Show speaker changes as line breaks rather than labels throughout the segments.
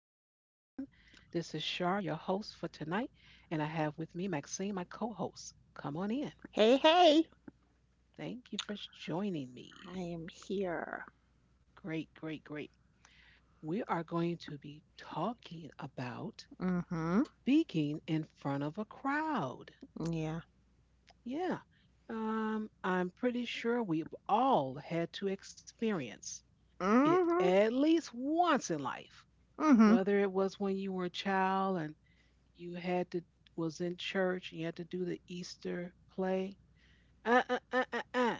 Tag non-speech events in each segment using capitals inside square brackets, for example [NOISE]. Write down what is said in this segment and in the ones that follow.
Shar, your host for tonight, and I have with me Maxine, my co host. Come on in.
Hey, hey,
Thank you for joining
I
me.
am here.
Great, great, great. We are going to be talking about
Mm-hmm.
speaking in front of a crowd.
Yeah.
Yeah, I'm pretty sure we've all had to experience it
Mm-hmm.
at least once in life,
Mm-hmm.
whether it was when you were a child and you had to was in church and you had to do the Easter play. Uh, uh, uh, uh, uh.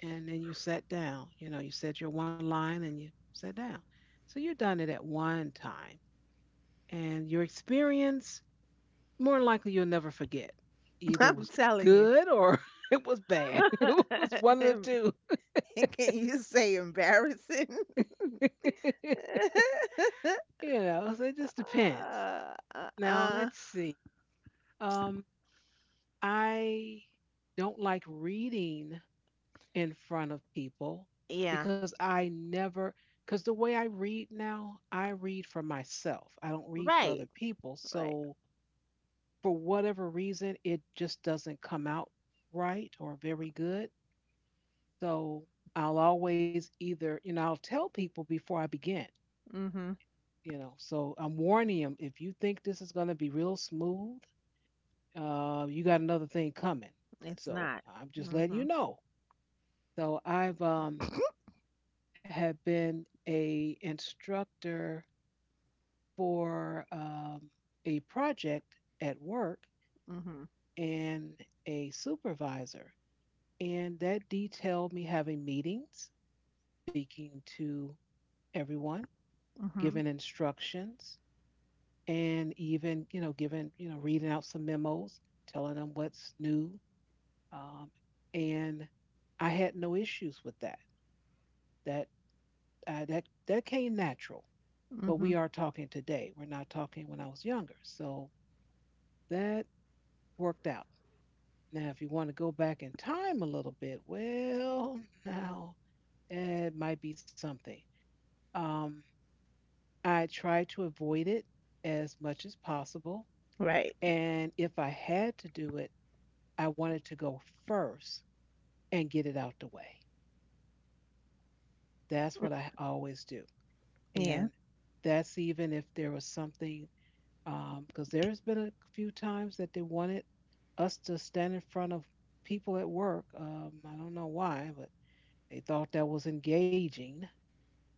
And then you sat down. You know, you said your one line and you sat down. So you've done it at one time. And your experience, more than likely, you'll never forget.
[LAUGHS]
Either it
I'm
was
telling you.
good or [LAUGHS] it was bad. [LAUGHS] It was
[LAUGHS]
one of
Em-
the
Can you say embarrassing?
two. [LAUGHS]
[LAUGHS]
So it just depends.
uh, uh,
Now,
uh,
let's see. Um, I don't like reading in front of people
yeah.
because I never, because the way I read now, I read for myself. I don't read for other
Right.
people.
Right.
So for whatever reason, it just doesn't come out right or very good. So I'll always I'll tell people before I begin,
Mm-hmm.
you know, so I'm warning them. If you think this is going to be real smooth, you got another thing coming.
It's
So
not.
I'm just letting
Mm-hmm.
you know. So I've had been a instructor for a project at work
Mm-hmm.
and a supervisor, and that detailed me having meetings, speaking to everyone,
Mm-hmm.
giving instructions, and even, you know, giving, you know, reading out some memos, telling them what's new, um, and I had no issues with that. that that came natural. But
Mm-hmm.
we are talking today. We're not talking when I was younger. So that worked out. Now, if you want to go back in time a little bit, well, now it might be something. Um, I try to avoid it as much as possible.
Right.
And if I had to do it, I wanted to go first and get it out the way. That's what I always do.
Yeah.
And that's even if there was something. Because there's been a few times that they wanted us to stand in front of people at work. I don't know why, but they thought that was engaging,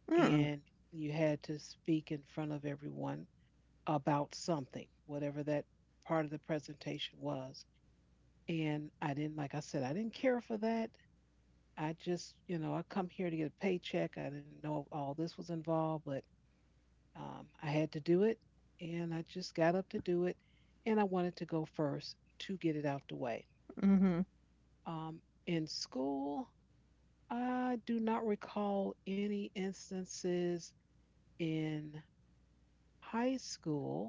and
Mm-mm.
you had to speak in front of everyone about something, whatever that part of the presentation was. And I didn't, like I said, I didn't care for that. I just, you know, I come here to get a paycheck. I didn't know all this was involved, but I had to do it, and I just got up to do it, and I wanted to go first to get it out the way.
Mm-hmm.
Um, in school, I do not recall any instances in high school.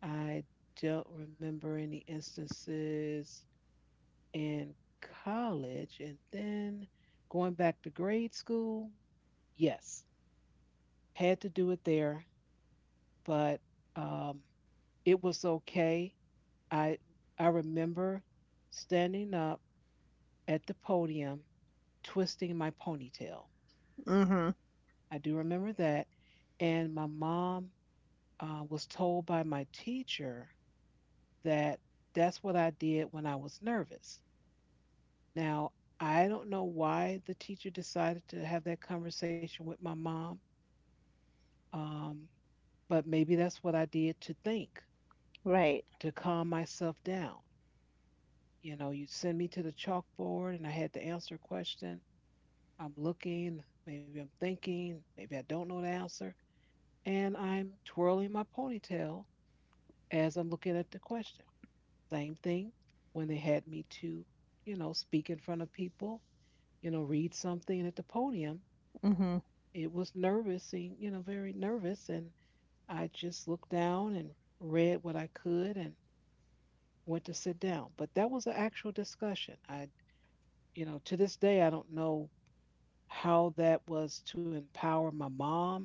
I don't remember any instances in college. And then going back to grade school, yes, had to do it there, but um, it was okay. I I remember standing up at the podium, twisting my ponytail.
Mm-hmm.
I do remember that, and my mom was told by my teacher that that's what I did when I was nervous. Now, I don't know why the teacher decided to have that conversation with my mom, um, but maybe that's what I did to think,
Right.
to calm myself down. You know, you would send me to the chalkboard and I had to answer a question. I'm looking, maybe I'm thinking, maybe I don't know the answer, and I'm twirling my ponytail as I'm looking at the question. Same thing when they had me to, you know, speak in front of people, you know, read something at the podium.
Mm-hmm.
It was nervous, you know, very nervous, and I just looked down and read what I could and went to sit down. But that was an actual discussion. I, you know, to this day, I don't know how that was to empower my mom,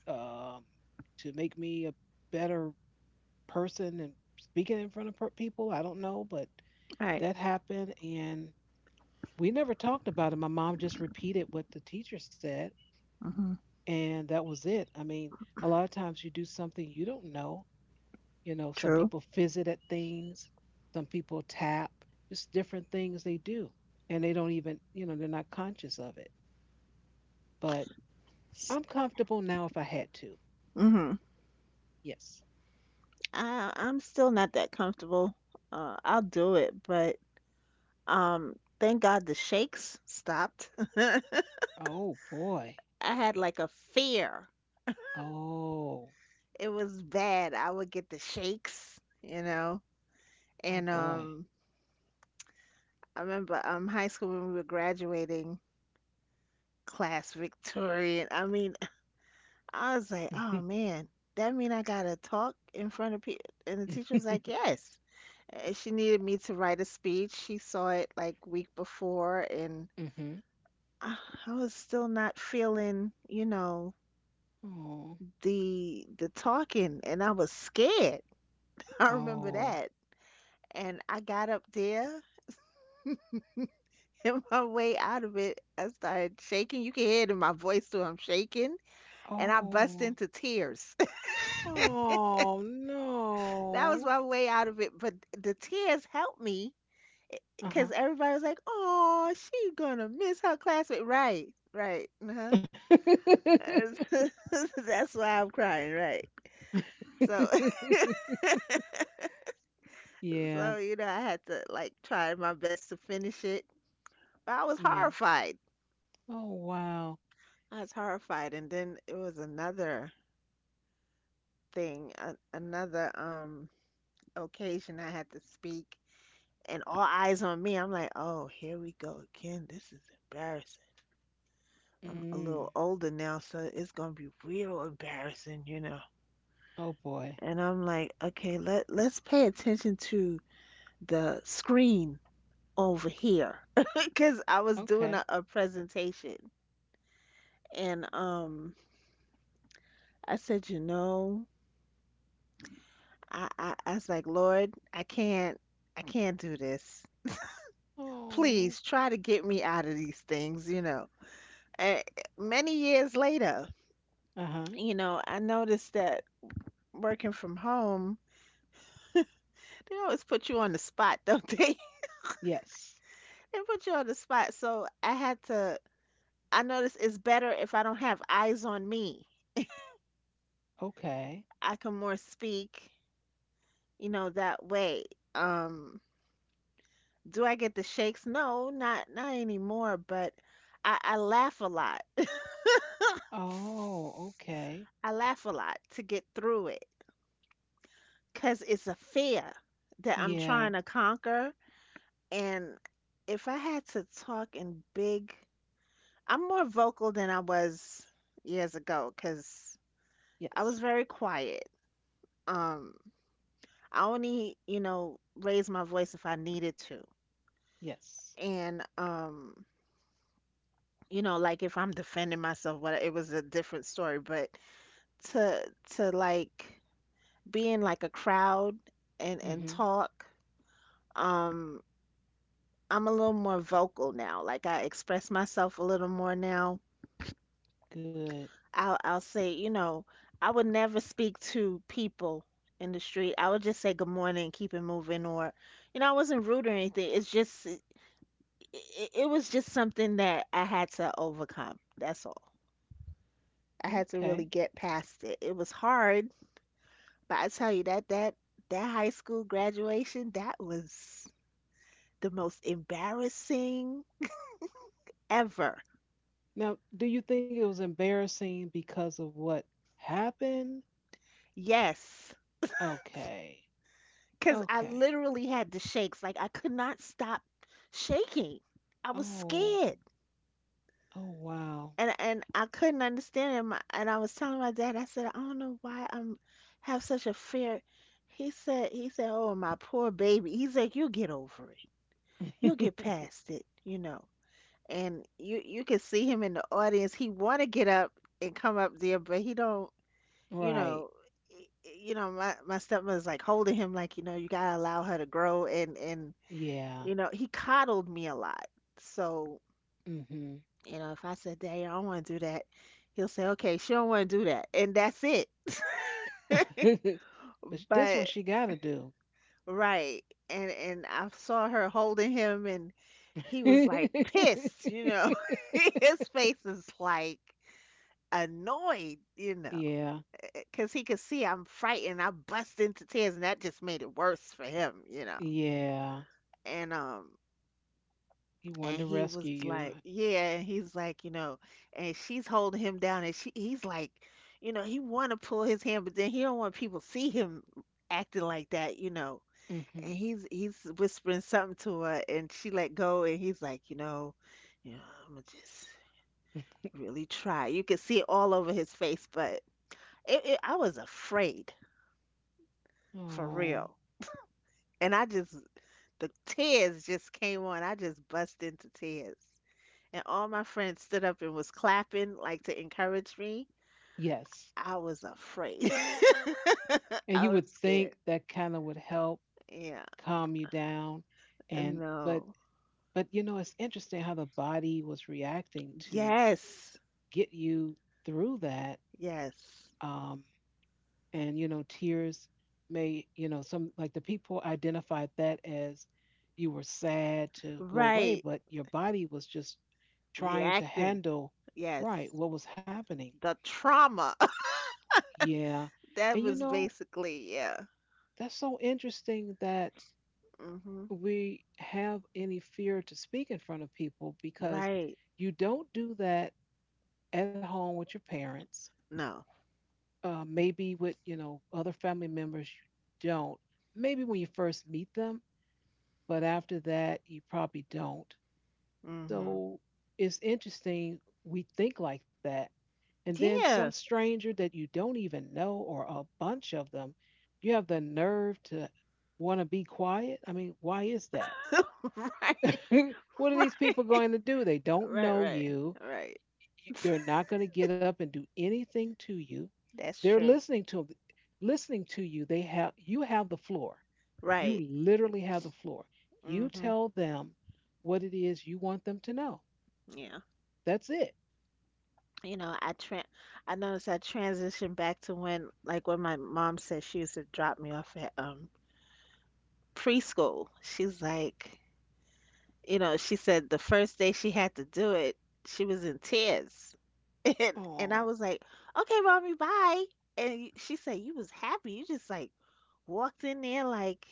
um, to make me a better person and speaking in front of people. I don't know, but
Right.
that happened. And we never talked about it. My mom just repeated what the teacher said,
Mm-hmm.
and that was it. I mean, a lot of times you do something you don't know. You know, some
True.
people fizzit at things, some people tap, just different things they do. And they don't even, you know, they're not conscious of it. But I'm comfortable now if I had to.
Mm-hmm.
Yes.
I'm still not that comfortable. I'll do it, but thank God the shakes stopped. [LAUGHS] I
Oh, boy.
had like a fear.
Oh,
It was bad. I would get the shakes, you know. And
Oh boy.
I remember high school when we were graduating, class Victorian. I mean, [LAUGHS] I was like, oh
[LAUGHS]
man, that mean I gotta talk in front of people. And the teacher was like, yes. And she needed me to write a speech. She saw it like week before and
Mm-hmm.
I I was still not feeling, you know,
Oh.
the talking and I was scared. [LAUGHS] I remember that.
Oh.
And I got up there [LAUGHS] and my way out of it, I started shaking. You can hear it in my voice too, I'm shaking. And I bust
Oh.
into tears. [LAUGHS]
Oh
That was
no.
my way out of it. But the tears helped me because
Uh-huh.
everybody was like, oh, she gonna miss her classmate. Right, right. Uh-huh. [LAUGHS]
[LAUGHS]
That's why I'm crying, right. So,
Yeah.
so, you know, I had to like try my best to finish it. I was
Yeah.
horrified.
Oh wow.
I was horrified. And then it was another thing, a another occasion I had to speak and all eyes on me. I'm like, "Oh, here we go again. This is embarrassing." I'm a
Mm.
little older now, so it's going to be real embarrassing, you know.
Oh boy.
And I'm like, "Okay, let's pay attention to the screen over here." [LAUGHS] Because I was doing
Okay.
a presentation. And I said, you know, I was like, Lord, I can't do this.
Oh.
Please try to get me out of these things, you know. And many years later,
Uh-huh.
you know, I noticed that working from home, they always put you on the spot, don't they? [LAUGHS]
Yes.
They put you on the spot. So I had to, I noticed it's better if I don't have eyes on me.
Okay.
I can more speak, you know, that way. Um, Do I get the shakes? No, not anymore, but I laugh a lot.
Oh, okay.
[LAUGHS] I laugh a lot to get through it because it's a fear that I'm
Yeah.
trying to conquer. And if I had to talk in big, I'm more vocal than I was years ago because I
Yes.
was very quiet. Um, I only, you know, raised my voice if I needed to.
Yes.
And, you know, like if I'm defending myself, what it was a different story, but to to like be in like a crowd and
Mm-hmm.
talk. Um, I'm a little more vocal now. Like I express myself a little more now.
Good.
I'll say, you know, I would never speak to people in the street. I would just say good morning and keep it moving or you know, I wasn't rude or anything. It's just it, it it was just something that I had to overcome. That's all. I had to
Okay.
really get past it. It was hard. But I tell you that that high school graduation, that was the most embarrassing ever.
Now, do you think it was embarrassing because of what happened?
Yes,
Okay.
because I
Okay.
literally had the shakes. Like I could not stop shaking. I was
Oh.
scared.
Oh wow.
And I couldn't understand it. My, and I was telling my dad, I said, I don't know why I'm have such a fear. He said, oh, my poor baby. He's like, you'll get over it. You'll get
[LAUGHS]
past it, you know. And you can see him in the audience. He want to get up and come up there, but he don't. You
Right.
know, y- you know my stepmother's like holding him, like you know you gotta allow her to grow, and
Yeah.
you know he coddled me a lot. So
Mhm.
you know if I said, "Dad, I don't want to do that," he'll say, "Okay, she don't want to do that," and that's it.
[LAUGHS]
[LAUGHS]
But this one
But
she got to do.
right, and I saw her holding him, and he was like pissed.
[LAUGHS]
You know, [LAUGHS] his face is like annoyed, you know,
Yeah.
because he could see I'm frightened. I bust into tears, and that just made it worse for him, you know.
Yeah.
And um,
He wanted
and
to
he was
rescue you.
like, yeah, and he's like, you know, and she's holding him down, and she, he's like, you know, he want to pull his hand, but then he don't want people to see him acting like that, you know. And
Mhm.
he's whispering something to her, and she let go, and he's like, you know, I'm gonna just
[LAUGHS]
really try. You could see it all over his face, but I was afraid. For
Oh,
real. And I just, the tears just came on. I just bust into tears. And all my friends stood up and was clapping, like to encourage me.
yes.
I was afraid. [LAUGHS]
And
I
you
was
would think
scared.
that kind of would help
Yeah.
calm you down, and
No.
but you know, it's interesting how the body was reacting to
Yes.
get you through that.
Yes.
Um, and tears may, some, like, the people identified that as you were sad to go away,
Right.
but your body was just trying to
Reacting.
handle right
Yes.
what was happening.
The trauma. [LAUGHS]
Yeah.
That
And
was basically, yeah.
that's so interesting that
Hmm.
we have any fear to speak in front of people, because
Right.
you don't do that at home with your parents,
No.
maybe with, other family members you don't, maybe when you first meet them, but after that you probably don't.
Hmm.
So it's interesting we think like that, and then some
Yeah.
stranger that you don't even know, or a bunch of them, you have the nerve to want to be quiet. I mean, why is that?
[LAUGHS] Right.
[LAUGHS] What
[LAUGHS]
are these people
Right.
going to do? They don't
Right,
know
right,
you.
right.
They're not going to get up and do anything to you.
That's
They're
true.
listening to listening to you. They have, you have the floor. You
Right.
literally have the floor. You
Mhm.
tell them what it is you want them to know.
Yeah.
That's it.
You know, I noticed I transitioned back to when like when my mom said she used to drop me off at preschool. She's like, you know, she said the first day she had to do it, she was in tears. [LAUGHS] And
Oh,
I was like, "Okay, mommy, bye." And she said, "You was happy. You just like walked in there like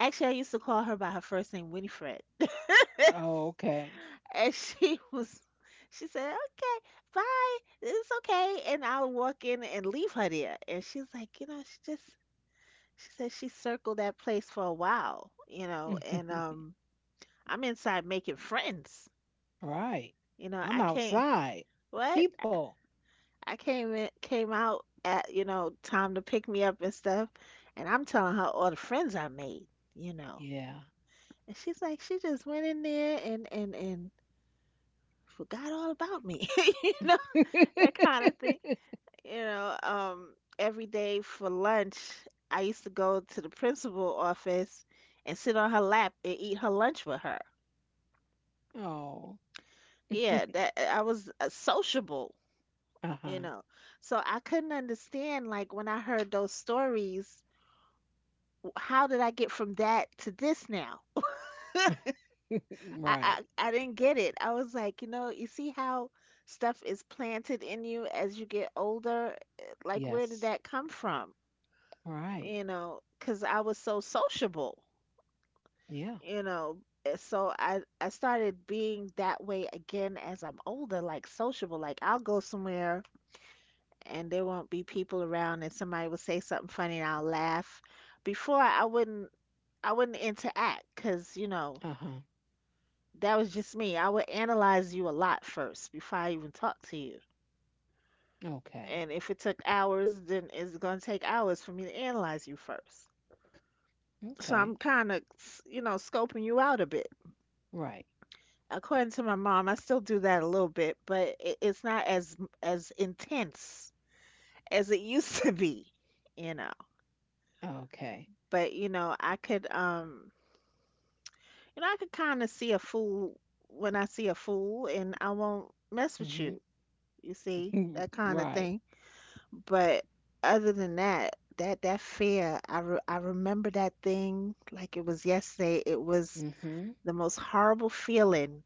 actually, I used to call her by her first name, Winifred." [LAUGHS]
oh, okay.
And she [LAUGHS] was, she said, okay, bye. It's okay. And I'll walk in and leave her there. And she's like, you know, she just, she said she circled that place for a while, you know, and
[LAUGHS]
I'm inside making friends.
Right.
You know,
I'm
I can't,
outside.
what?
People.
I came in, came out at, you know, time to pick me up and stuff. And I'm telling her all the friends I made, you know.
Yeah.
And she's like, she just went in there and forgot all about me, [LAUGHS] you know, that kind of thing. You know, every day for lunch, I used to go to the principal office and sit on her lap and eat her lunch with her.
[LAUGHS] Oh.
Yeah,
[LAUGHS]
that I was sociable, you
Uh-huh.
know. So I couldn't understand, like, when I heard those stories, how did I get from that to this now?
[LAUGHS] Right.
I didn't get it. I was like, you know, you see how stuff is planted in you as you get older? Like, where did
Yes.
that come from?
Right.
You know, because I was so sociable.
Yeah.
You know, so i started being that way again as I'm older, like sociable, like I'll go somewhere and there won't be people around and somebody will say something funny and I'll laugh. Before I wouldn't interact because you know
Uh-huh.
that was just me. I would analyze you a lot first before I even talk to you,
Okay.
and if it took hours, then it's going to take hours for me to analyze you first. So I'm
Okay.
kind of, you know, scoping you out a bit.
Right.
According to my mom, I still do that a little bit, but it, it's not as as intense as it [LAUGHS] used to be, you know.
Okay.
But you know, I could you know, I could kind of see a fool when I see a fool, and I won't mess with
Mm-hmm.
you. You see
Mm,
that kind of
right.
thing. But other than that, that fear, I remember that thing like it was yesterday. It was
Mm-hmm.
the most horrible feeling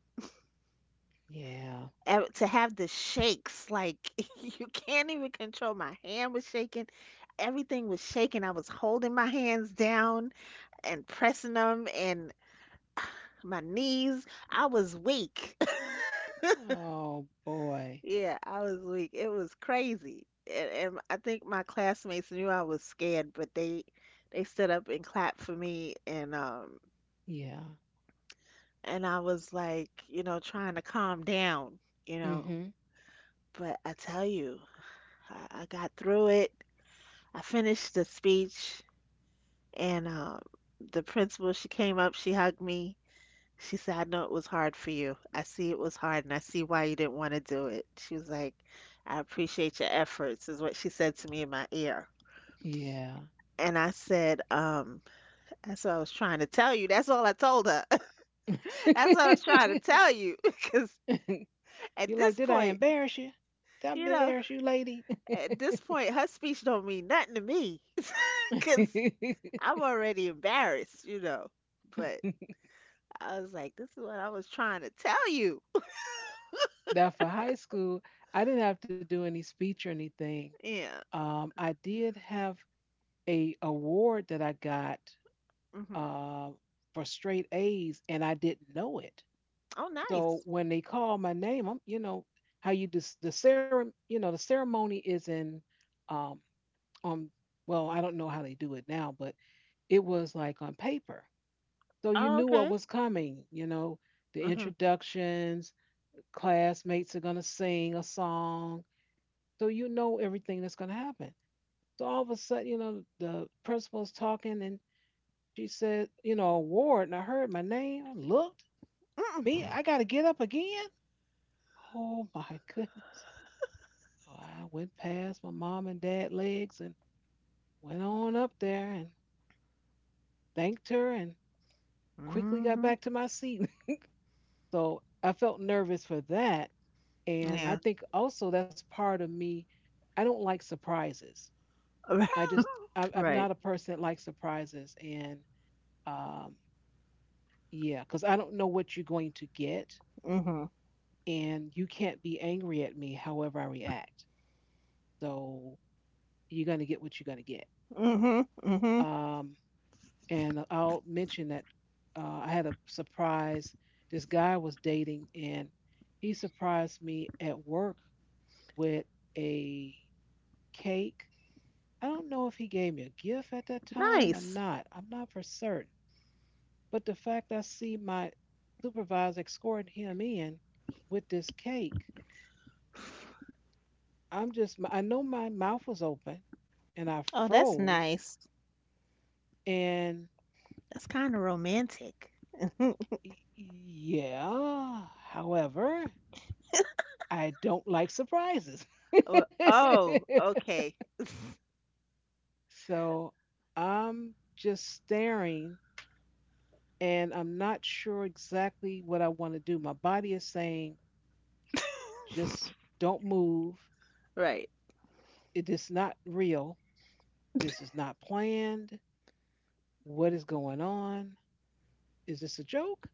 Yeah.
to have the shakes like [LAUGHS] you can't even control. My hand was shaking, everything was shaking, I was holding my hands down and pressing them, and my knees, I was weak.
Oh
[LAUGHS]
boy.
Yeah, I was weak. It was crazy. And I think my classmates knew I was scared, but they stood up and clapped for me,
Yeah.
and I was like you know trying to calm down, you know.
Mm-hmm.
But I tell you, I got through it. I finished the speech, and the principal, she came up, she hugged me. She said, I know it was hard for you. I see it was hard, and I see why you didn't want to do it. She was like, I appreciate your efforts, is what she said to me in my ear.
Yeah.
And I said, that's what I was trying to tell you. That's all I told her. [LAUGHS] That's what I was
[LAUGHS]
trying to tell you. [LAUGHS] Because at this
Did I
point,
embarrass you? Did I
you know,
embarrass you, lady?
at this point, her speech don't mean nothing to me. [LAUGHS] Because I'm
[LAUGHS]
already embarrassed. But I was like, this is what I was trying to tell you.
Now for high school, I didn't have to do any speech or anything.
Yeah.
I did have a award that I got,
Mhm.
uh, for straight A's, and I didn't know it.
Oh,
So
nice.
when they call my name, I'm, you know, how you just the ceremony, you know, the ceremony is in, um, on, well, I don't know how they do it now, but it was like on paper. So you
Oh,
knew what
okay.
was coming, the
Mhm.
introductions, classmates are going to sing a song. So you know everything that's going to happen. So all of a sudden, the principal's talking, and she said, award. And I heard my name, I looked, me,
Mm-mm.
I got to get up again. Oh my [LAUGHS] goodness. So I went past my mom and dad legs and went on up there and thanked her and quickly got
Mhm.
back to my seat. [LAUGHS] So I felt nervous for that. And I
Yeah.
think also that's part of me. I don't like surprises. I just,
[LAUGHS]
I'm
Right.
not a person that likes surprises. And um, yeah, because I don't know what you're going to get.
Mhm.
And you can't be angry at me however I react. So you're going to get what you're going to get.
Mhm. Mhm.
Um, And I'll mention that I had a surprise. This guy I was dating, and he surprised me at work with a cake. I don't know if he gave me a gift at that time or
Nice.
not. I'm not for certain. But the fact I see my supervisor escorting him in with this cake, I'm just, I know my mouth was open and I
Oh, that's
froze.
nice.
And
That's kind of romantic.
yeah, however, I don't like surprises.
Oh,
[LAUGHS]
oh, okay.
So I'm just staring, and I'm not sure exactly what I want to do. My body is saying,
[LAUGHS]
just don't move.
Right.
It is not real. This is not planned. What is going on? Is this a joke?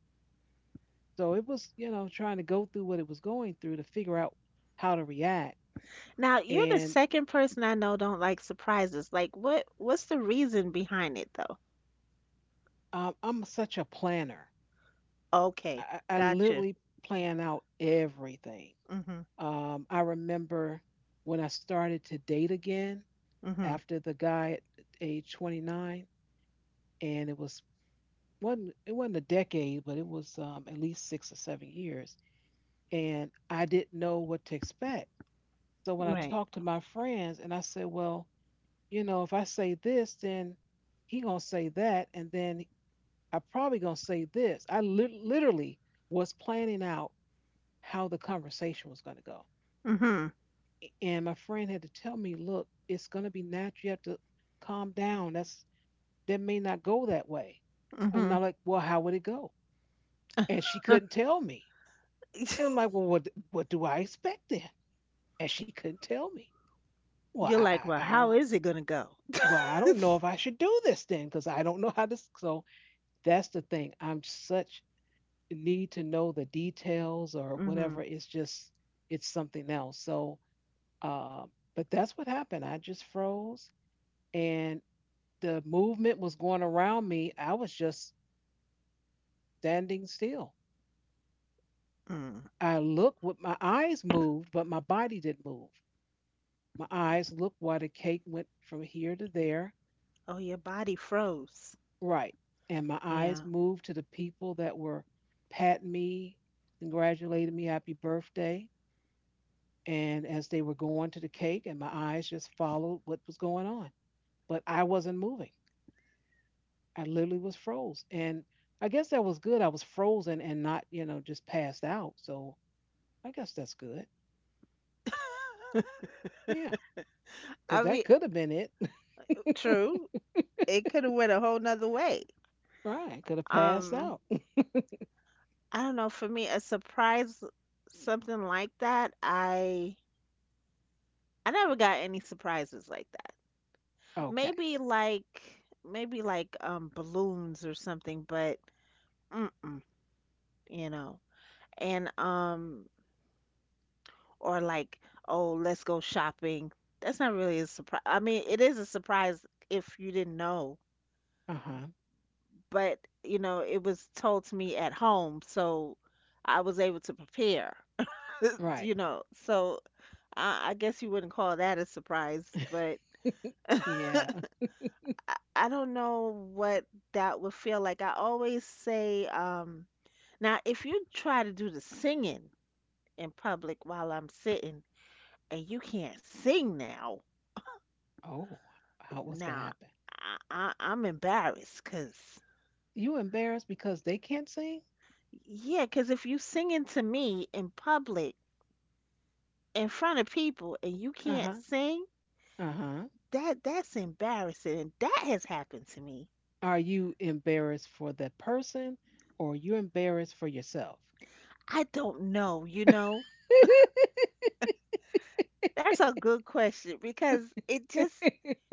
So it was, you know, trying to go through what it was going through to figure out how to react.
Now, you're the
And
second person I know don't like surprises. Like, what's the reason behind it though?
I'm such a planner.
Okay.
I
Gotcha.
literally plan out everything.
Mhm.
I remember when I started to date again
Mhm.
after the guy at age 29, and it was one. It wasn't a decade, but it was at least 6 or 7 years, and I didn't know what to expect. So when I
Right.
talked to my friends, and I said, "Well, you know, if I say this, then he gonna say that, and then I probably gonna say this." I literally was planning out how the conversation was gonna go.
Mhm.
And my friend had to tell me, look, it's going to be natural. You have to calm down. That may not go that way. I'm
Mhm.
not like, well, how would it go? And she couldn't
[LAUGHS]
tell me. And I'm like, well, what do I expect then? And she couldn't tell me. Well,
You're like,
I I,
well,
I don't.
how is it gonna go?
Well, I
[LAUGHS]
don't know if I should do this then because I don't know how this. So that's the thing. I'm such need to know the details or whatever.
Mhm.
It's just it's something else. So, uh, but that's what happened. I just froze and the movement was going around me. I was just standing still.
Mm.
I looked with my eyes moved, but my body didn't move. My eyes looked while the cake went from here to there.
Oh, your body froze.
Right. And my
Yeah.
eyes moved to the people that were patting me, congratulating me, happy birthday. And as they were going to the cake, and my eyes just followed what was going on. But I wasn't moving. I literally was froze. And I guess that was good. I was frozen and not, you know, just passed out. So I guess that's good.
[LAUGHS]
Yeah, because
I mean,
that could have been it. [LAUGHS]
true. It could have went a whole nother way.
Right. Could have passed
Um,
out. [LAUGHS]
I don't know. For me, a surprise, something like that. I never got any surprises like that.
Okay.
Maybe like maybe like balloons or something, but mm-mm, you know. And Or like, oh, let's go shopping. That's not really a surprise. I mean, it is a surprise if you didn't know,
Uh huh.
but it was told to me at home, so I was able to prepare. [LAUGHS]
Right.
So I guess you wouldn't call that a surprise, but
[LAUGHS] Yeah.
I don't know what that would feel like. I always say, now if you try to do the singing in public while I'm sitting and you can't sing now.
Oh, how, what's going to
Now,
happen?
I'm embarrassed because
You embarrassed because they can't sing?
yeah, because if you singing to me in public in front of people and you
Uh huh.
can't sing,
Uh huh.
that's embarrassing. And that has happened to me.
Are you embarrassed for the person or you embarrassed for yourself?
I don't know. That's a good question because it just
[LAUGHS]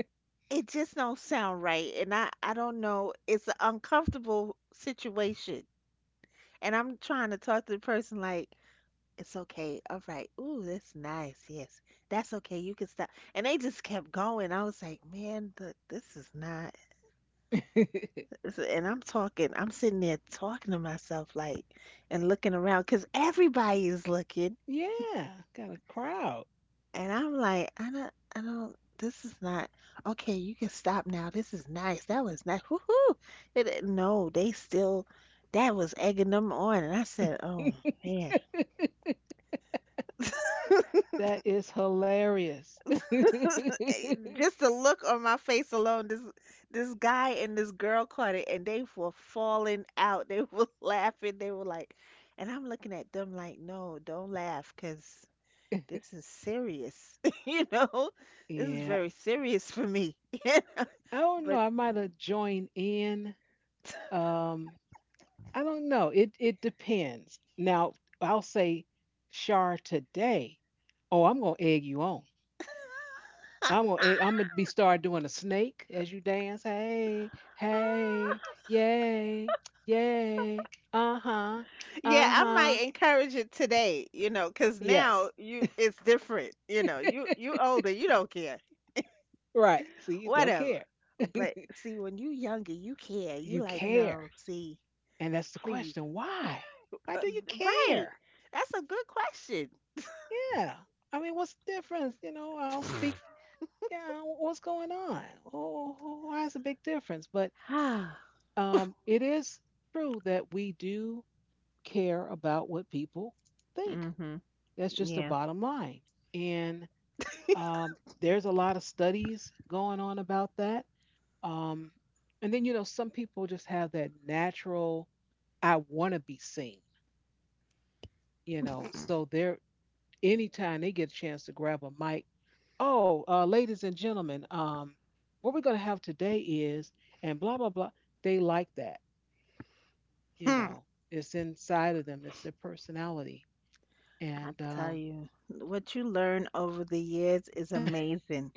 it just don't sound right, and I don't know. It's an uncomfortable situation, and I'm trying to talk to the person like. It's okay. All right. Ooh, that's nice. Yes. That's okay. You can stop. And they just kept going. I was like, man, this is not.
[LAUGHS]
This And I'm sitting there talking to myself, like, and looking around because everybody is looking.
Yeah. Got a crowd.
And I'm like, I don't, this is not. Okay, you can stop now. This is nice. That was nice. Woohoo. No, they still, that was egging them on. And I said, oh, man.
[LAUGHS]
[LAUGHS]
That is hilarious. [LAUGHS]
[LAUGHS] Just the look on my face alone, this guy and this girl caught it and they were falling out. They were [LAUGHS] laughing. They were like, and I'm looking at them like, no, don't laugh, because this is serious. [LAUGHS] You know, this is
Yeah.
very serious for me. [LAUGHS]
I don't know.
But
I might have joined in. Um, I don't know. It depends. Now, I'll say Shar today. Oh, I'm gonna egg you on. I'm gonna be start doing a snake as you dance. Hey, hey,
[LAUGHS]
yay, yay, uh-huh,
yeah, I might
uh-huh.
encourage it today, because now
Yes.
you it's different. You older, you don't care.
Right. See, you don't
Whatever.
care.
But see, when you younger, you care.
[LAUGHS]
You
You
like,
care.
no, see,
And that's the
please.
question. Why? Why
Uh,
do you
right.
care?
That's a good question.
Yeah. I mean, what's the difference? You know, I'll speak. Yeah, what's going on? Oh, why is a big difference? But
[SIGHS]
it is true that we do care about what people think.
Mhm.
That's just the
Yeah.
bottom line. And
[LAUGHS]
um, there's a lot of studies going on about that. Um, and then, you know, some people just have that natural, I want to be seen, you know, so they're anytime they get a chance to grab a mic. Oh, ladies and gentlemen, what we're going to have today is, and blah, blah, blah. They like that, you
Hmm.
know, it's inside of them, it's their personality.
I
And
tell you. What you learn over the years is amazing.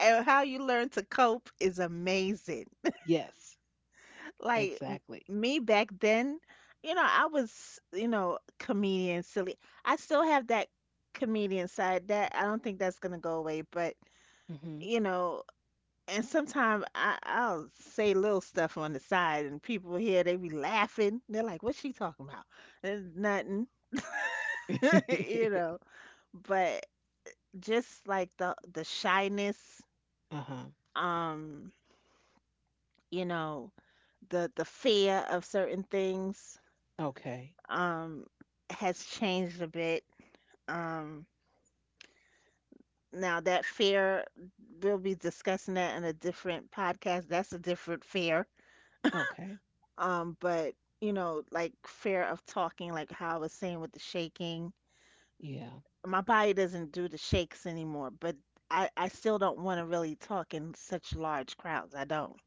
And how you learn to cope is amazing.
[LAUGHS] yes,
Like
exactly.
me back then, I was, comedian silly. I still have that comedian side that I don't think that's going to go away, but
Hmm.
you know, and sometimes I'll say little stuff on the side, and people here they be laughing. They're like, "What's she talking about?" And nothing.
[LAUGHS] Uh
[LAUGHS] you know. But just like the shyness,
huh.
um, you know, the fear of certain things,
Okay.
um, has changed a bit. Um, Now that fear, we'll be discussing that in a different podcast. That's a different fear.
Okay.
But like fear of talking, like how I was saying with the shaking,
Yeah.
my body doesn't do the shakes anymore, but I still don't want to really talk in such large crowds. I don't.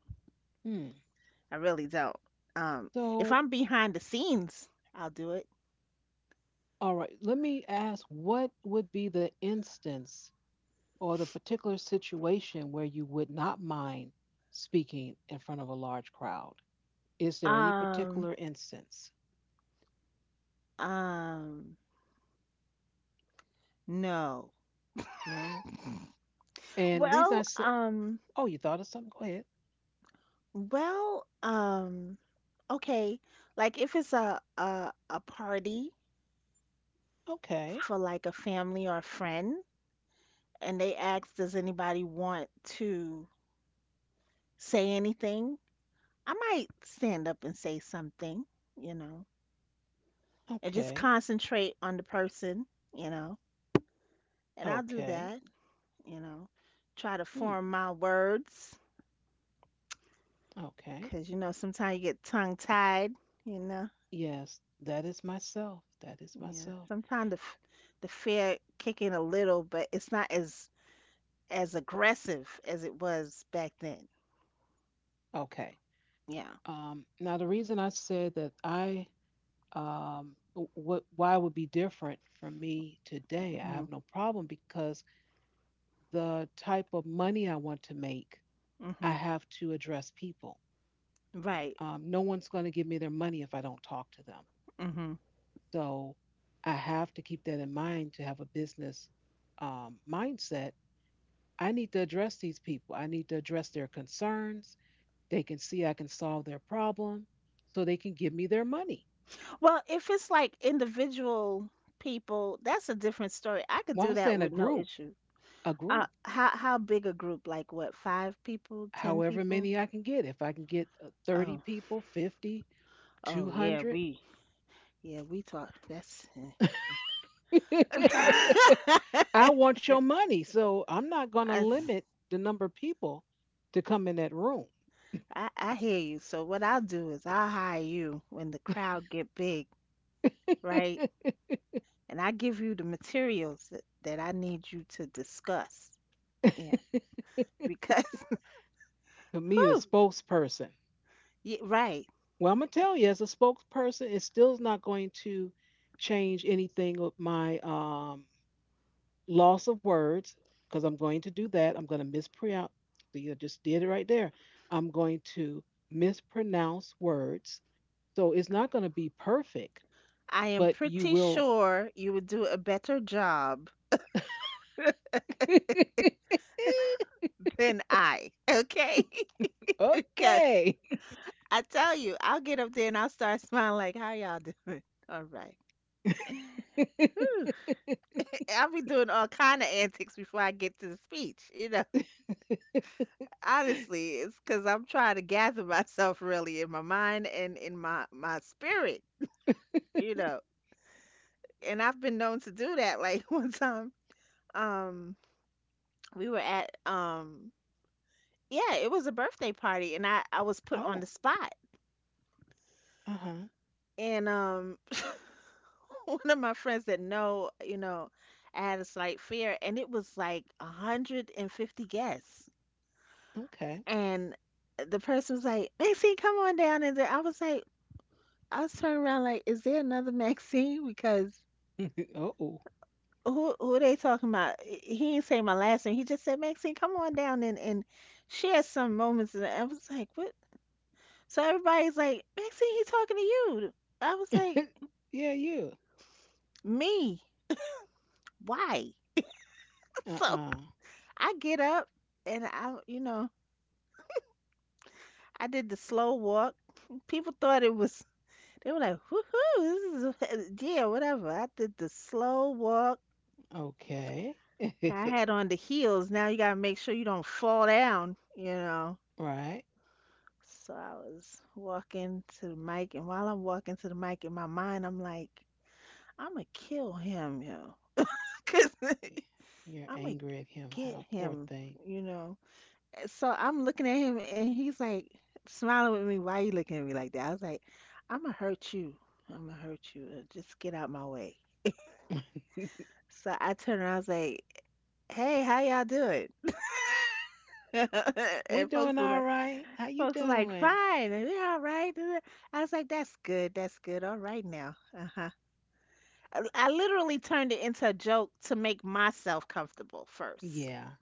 Hmm.
I really don't. Um, if
So,
I'm behind the scenes, I'll do it.
all right, let me ask what would be the instance or the particular situation where you would not mind speaking in front of a large crowd? Is there any
Um,
particular instance?
um, no.
No. And the reason I
Well,
say,
um,
oh, you thought of something? Go ahead.
well, okay. Like if it's a party
Okay.
for like a family or a friend, and they ask, does anybody want to say anything? I might stand up and say something, you know, and just
Okay.
concentrate on the person, you know, and I'll do
Okay.
that, you know, try to
Hmm.
form my words
Okay.
because, sometimes you get tongue tied, you know,
Yes, that is myself. That is
yeah,
myself.
sometimes the fear kick in a little, but it's not as, aggressive as it was back then.
Okay.
Yeah.
Now, the reason I said that um, why it would be different for me today, I
Hmm,
have no problem because the type of money I want to make, I
hmm.
have to address people.
Right.
No one's going to give me their money if I don't talk to them.
Mm-hmm.
So I have to keep that in mind to have a business mindset. I need to address these people. I need to address their concerns. They can see I can solve their problem so they can give me their money.
Well, if it's like individual people, that's a different story. I could
Well, I'm
do that
saying a
with no
group,
issue.
a
Uh,
group,
how how big a group? Like what? Five people? Ten
however
people?
many I can get. If I can get 30
Oh,
people, 50,
oh yeah,
200,
we talk. That's [LAUGHS]
[LAUGHS]
I,
I want your money, so I'm not going to
I
limit the number of people to come in that room.
I hear you. So what I'll do is I'll hire you when the crowd get big, right? And I give you the materials that I need you to discuss. Yeah,
[LAUGHS]
because
To me,
[LAUGHS]
the
whew,
spokesperson.
yeah, right.
Well, I'm gonna tell you, as a spokesperson, it still is not going to change anything with my loss of words because I'm going to do that. I'm going to mispronounce. You just did it right there. I'm going to mispronounce words, so it's not going to be perfect,
I am
but you
pretty
will.
sure you would do a better job [LAUGHS]
[LAUGHS]
than I, okay? [LAUGHS] Because
Okay.
I tell you, I'll get up there and I'll start smiling like, "How y'all doing? [LAUGHS] All right."
[LAUGHS]
Whew. I'll be doing all kind of antics before I get to the speech. [LAUGHS] Honestly, it's because I'm trying to gather [LAUGHS] myself really in my mind and in my spirit. You
[LAUGHS]
know, and I've been known to do that. Like [LAUGHS] one time, um, we were at yeah, it was a birthday party, and I was put on
Oh,
the spot.
uh huh.
And [LAUGHS] one of my friends said, no, I had a slight fear, and it was like 150 guests.
Okay.
And the person was like, Maxine, come on down. And then I was turning around like, is there another [LAUGHS] Maxine? Because
[LAUGHS] Oh.
who they talking about? He didn't say my last name. He just said, Maxine, come on down and share some moments. And I was like, what? So everybody's like, Maxine, he talking to you. I was like,
[LAUGHS] Yeah, you.
me? Why? [LAUGHS] So.
Uh.
I get up and I did the slow walk. [LAUGHS] People thought it was, they were like, woohoo, this is, [LAUGHS] yeah, whatever. I did the slow walk.
Okay. [LAUGHS]
I had on the heels. Now you got to make sure you don't fall down.
Right.
So I was walking to the mic, and while I'm walking to the mic in my mind, I'm like, I'm going to kill him, yo. [LAUGHS] Because
You're
I'm going to
angry at him.
[LAUGHS] get
How poor
him,
thing.
you know. So I'm looking at him and he's like smiling with me. Why you looking at me like that? I was like, I'm gonna hurt you. I'm gonna hurt you. Just get out my way.
[LAUGHS]
So I turned around. I was like, Hey, how y'all doing? [LAUGHS]
We
And folks
doing
were
all
like,
right. How you doing?
fine. And we all right. [LAUGHS] I was like, that's good. That's good. All right now. Uh huh. I literally turned it into a joke to make myself comfortable first.
Yeah.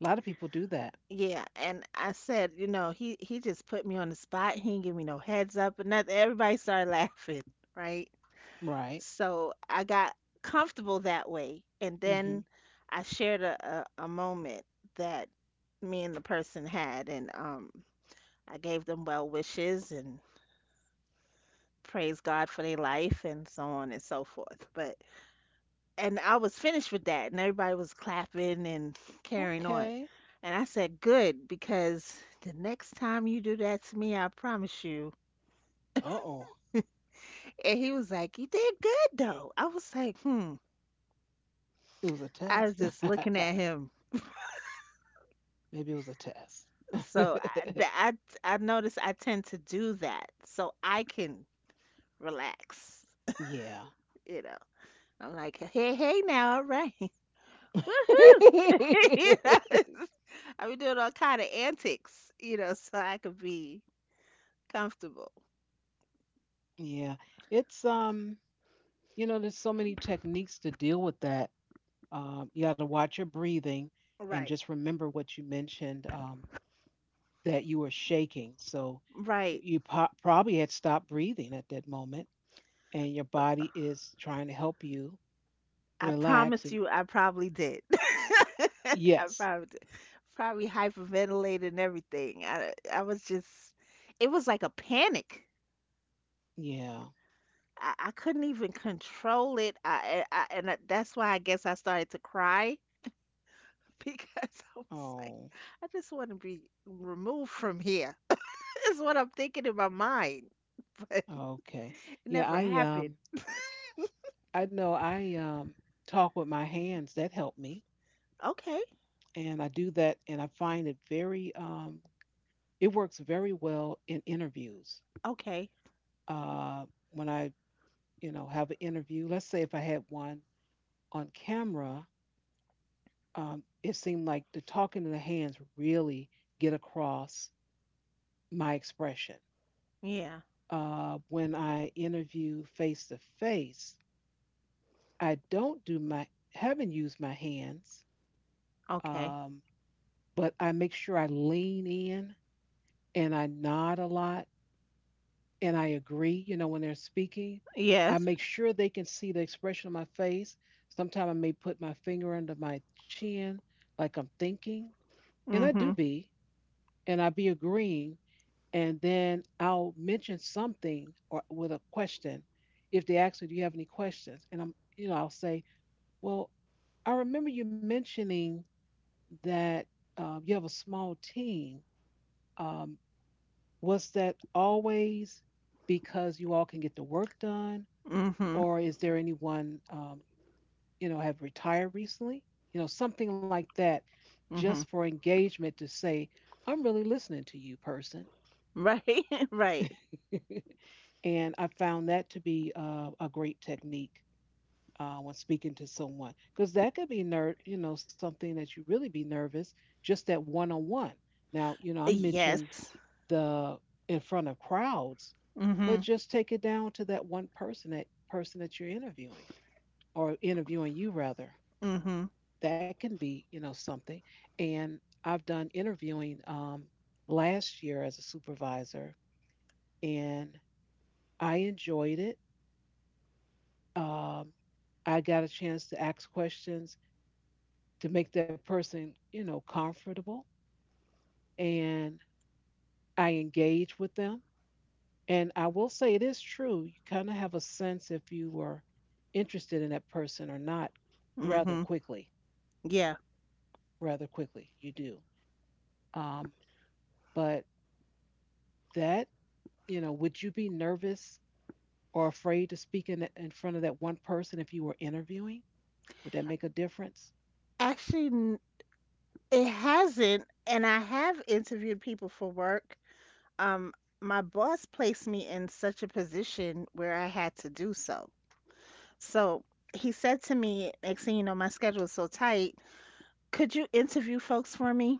A lot of people do that.
Yeah, and I said, he just put me on the spot. He didn't give me no heads up and nothing. Everybody started [LAUGHS] laughing, right?
Right.
So I got comfortable that way, and
Mm-hmm.
then I shared a moment that me and the person had, and I gave them well wishes and praise God for their life and so on and so forth. But And I was finished with that, and everybody was clapping and carrying on.
Okay.
And I said, good, because the next time you do that to me, I promise you.
Uh oh.
And he was like, you did good, though. I was like, hmm.
It was a
I was
test.
just looking at him.
[LAUGHS] Maybe it was a test.
So I noticed I tend to do that so I can relax.
[LAUGHS] Yeah. [LAUGHS]
You know, I'm like, hey, hey, now, all right. [LAUGHS] Woohoo! [LAUGHS] You know, [LAUGHS] I be doing all kind of antics, so I could be comfortable.
Yeah. It's you know there's so many techniques to deal with that you got to watch your breathing and
Right,
just remember what you mentioned, that you were shaking, so
right.
you probably had stopped breathing at that moment and your body is trying to help you
I
relax,
promise
and
you, I probably did. [LAUGHS] I
yes.
probably did. Probably hyperventilated and everything. It was like a panic.
Yeah.
I couldn't even control it. That's why I guess I started to cry [LAUGHS] because I was like,
Oh,
I just want to be removed from here. [LAUGHS] Is what I'm thinking in my mind, [LAUGHS] but
okay.
it
Yeah.
never
i
happened.
um i know, I talk with my hands, that helped me,
Okay,
and I do that and I find it very it works very well in interviews.
okay,
uh, when I, you know, have an interview. Let's say if I had one on camera, it seemed like the talking and the hands really get across my expression.
yeah,
When I interview face to face, I don't do my haven't used my hands,
okay,
um, but I make sure I lean in and I nod a lot and I agree, you know, when they're speaking. I
yes,
make sure they can see the expression on my face. Sometimes I may put my finger under my chin like I'm thinking, and I do
mm-hmm,
be, and I be agreeing, and then I'll mention something or with a question. If they ask me, "Do you have any questions?" and I'm, you know, I'll say, "Well, I remember you mentioning that you have a small team. Um, was that always because you all can get the work done,
mm-hmm,
or is there anyone, you know, have retired recently, you know, something like that,
mm-hmm.
just for engagement, to say I'm really listening to you, person.
Right, [LAUGHS] right.
[LAUGHS] And I found that to be a great technique, when speaking to someone, because that could be you know, something that you really be nervous, just that one-on-one. Now, you know, I mentioned
Yes.
the in front of crowds, but
Mhm.
just take it down to that one person, that person that you're interviewing, or interviewing you rather,
Mhm.
that can be, you know, something. And I've done interviewing last year as a supervisor, and I enjoyed it. um, I got a chance to ask questions to make that person, you know, comfortable, and I engage with them, and I will say it is true you kind of have a sense if you were interested in that person or not, rather
Mhm.
quickly
Yeah.
rather quickly you do. um, but that, you know, would you be nervous or afraid to speak in front of that one person if you were interviewing? Would that make a difference?
Actually, it hasn't, and I have interviewed people for work. Um, my boss placed me in such a position where I had to do so. So he said to me, next thing you know, my schedule is so tight. Could you interview folks for me?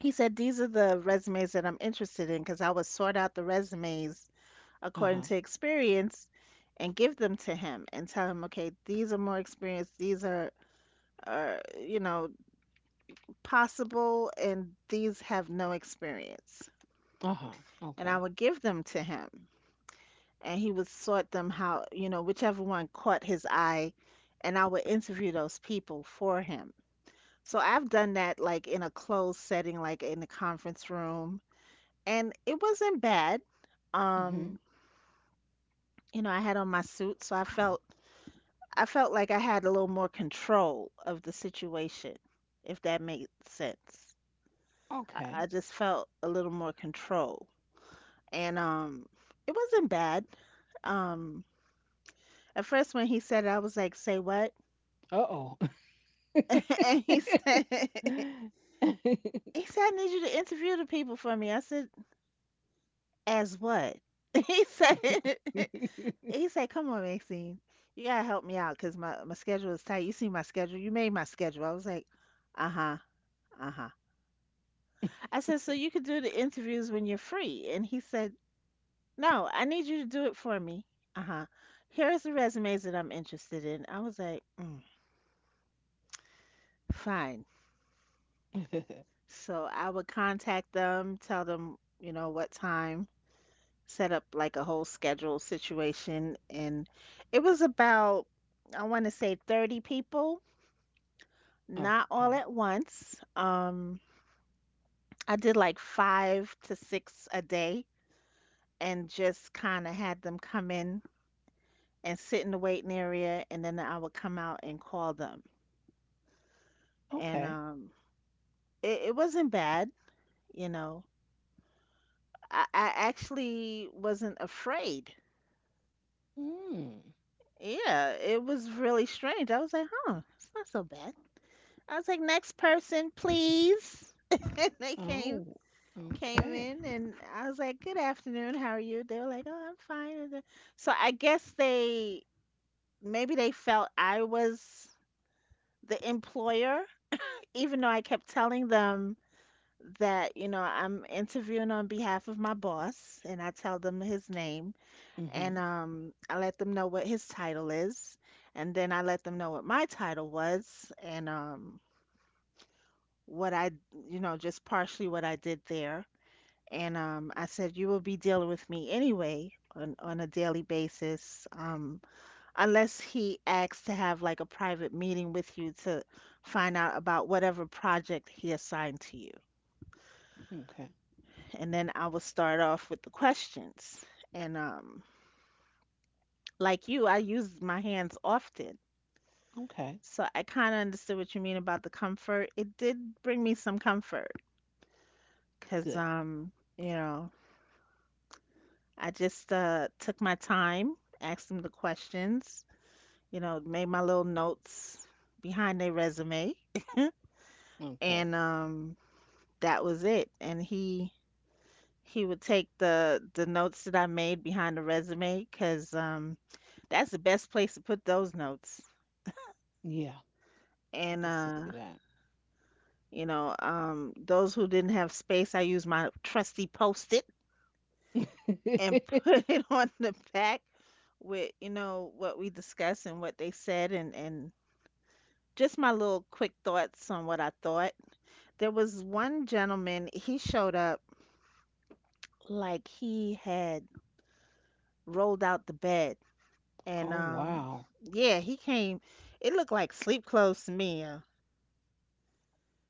He said, these are the resumes that I'm interested in because I would sort out the resumes
Uh
according
huh.
to experience and give them to him and tell him, okay, these are more experienced, these are possible, and these have no experience.
Uh huh.
And I
Okay.
would give them to him. And he would sort them how, you know, whichever one caught his eye, and I would interview those people for him. So I've done that like in a closed setting, like in a conference room, and it wasn't bad.
Hmm.
Um, you know, I had on my suit, so I felt like I had a little more control of the situation, if that makes sense.
Okay.
I just felt a little more control. And it wasn't bad. Um at first when he said it, I was like, say what?
Uh oh.
[LAUGHS] And he said, [LAUGHS] he said, I need you to interview the people for me. I said, as what? [LAUGHS] He said, [LAUGHS]
[LAUGHS]
he said, come on, Maxine. You gotta help me out because my schedule is tight. You see my schedule, you made my schedule. I was like, uh-huh, uh-huh. I said, so you could do the interviews when you're free. And he said, no, I need you to do it for me. Uh huh. Here's the resumes that I'm interested in. I was like, mm, fine.
[LAUGHS]
So I would contact them, tell them, you know, what time, set up like a whole schedule situation. And it was about, I want to say 30 people, not
Okay.
all at once. I did like five to six a day and just kind of had them come in and sit in the waiting area and then I would come out and call them. And
Okay.
um it wasn't bad, you know. I actually wasn't afraid.
Mm.
Yeah, it was really strange. I was like, huh, it's not so bad. I was like, next person, please. [LAUGHS] And they came
Oh,
came
okay.
in and I was like, good afternoon, how are you? They were like, oh, I'm fine. So I guess they, maybe they felt I was the employer, even though I kept telling them that, you know, I'm interviewing on behalf of my boss, and I tell them his name, and
Mm-hmm.
um I let them know what his title is, and then I let them know what my title was, and what I, you know, just partially what I did there, and I said, you will be dealing with me anyway on a daily basis, um, unless he asks to have like a private meeting with you to find out about whatever project he assigned to you,
Okay.
and then I will start off with the questions. And Like you, I use my hands often,
Okay.
so I kind of understood what you mean about the comfort. It did bring me some comfort because
Good.
um, you know, I just took my time, asked them the questions, you know, made my little notes behind their resume,
Okay.
and that was it. And he would take the notes that I made behind the resume because that's the best place to put those notes.
Yeah, I
And
could see that.
You know, those who didn't have space, I used my trusty post-it and [LAUGHS] put
[LAUGHS]
it on the back with, you know, what we discussed and what they said and just my little quick thoughts on what I thought. There was one gentleman, he showed up like he had rolled out the bed,
Oh,
and
wow.
yeah, he came, it looked like sleep clothes to me.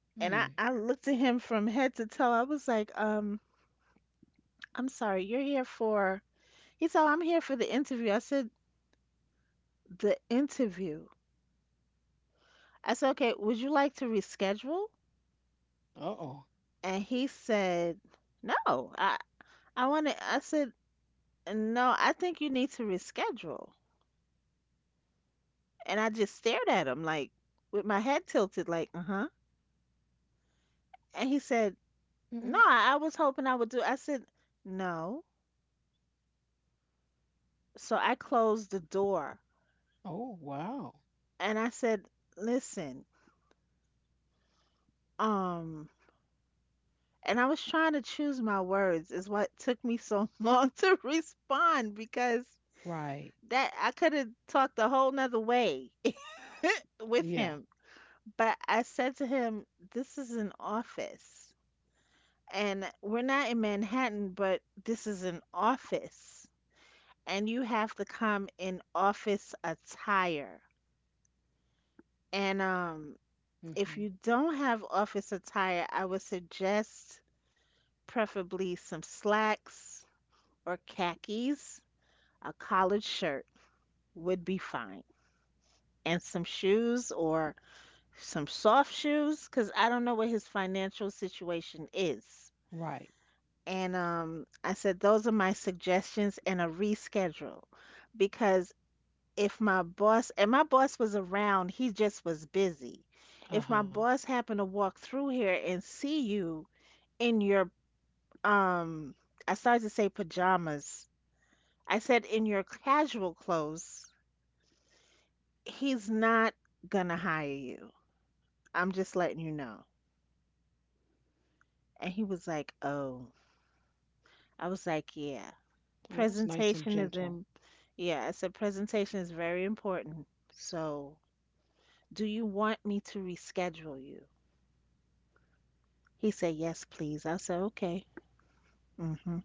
Hmm.
And I looked at him from head to toe. I was like, I'm sorry, you're here for. He said, "Oh, I'm here for the interview." I said, the interview. I said, okay, would you like to reschedule?
Uh-oh.
And he said, no, I, I want to. I said, no, I think you need to reschedule. And I just stared at him, like, with my head tilted, like, uh huh. And he said,
Mm-hmm.
no, I was hoping I would do. I said, no. So I closed the door
Oh, wow.
and I said, listen, um, and I was trying to choose my words, is what took me so [LAUGHS] long to respond, because
Right.
that I could have talked a whole nother way [LAUGHS] with
Yeah.
him. But I said to him, this is an office. And we're not in Manhattan, but this is an office. And you have to come in office attire. And If
Mm-hmm.
you don't have office attire, I would suggest preferably some slacks or khakis, a collared shirt would be fine, and some shoes or some soft shoes, because I don't know what his financial situation is.
Right.
And I said, those are my suggestions and a reschedule, because if my boss, and my boss was around, he just was busy. If my
Uh-huh.
boss happened to walk through here and see you in your, um, I started to say pajamas. I said, in your casual clothes, he's not gonna hire you. I'm just letting you know. And he was like, oh. I was like, yeah.
That was nice and
Presentation is
gentle.
in, yeah, I said presentation is very important. So do you want me to reschedule you? He said, yes, please. I said, okay. Hmm.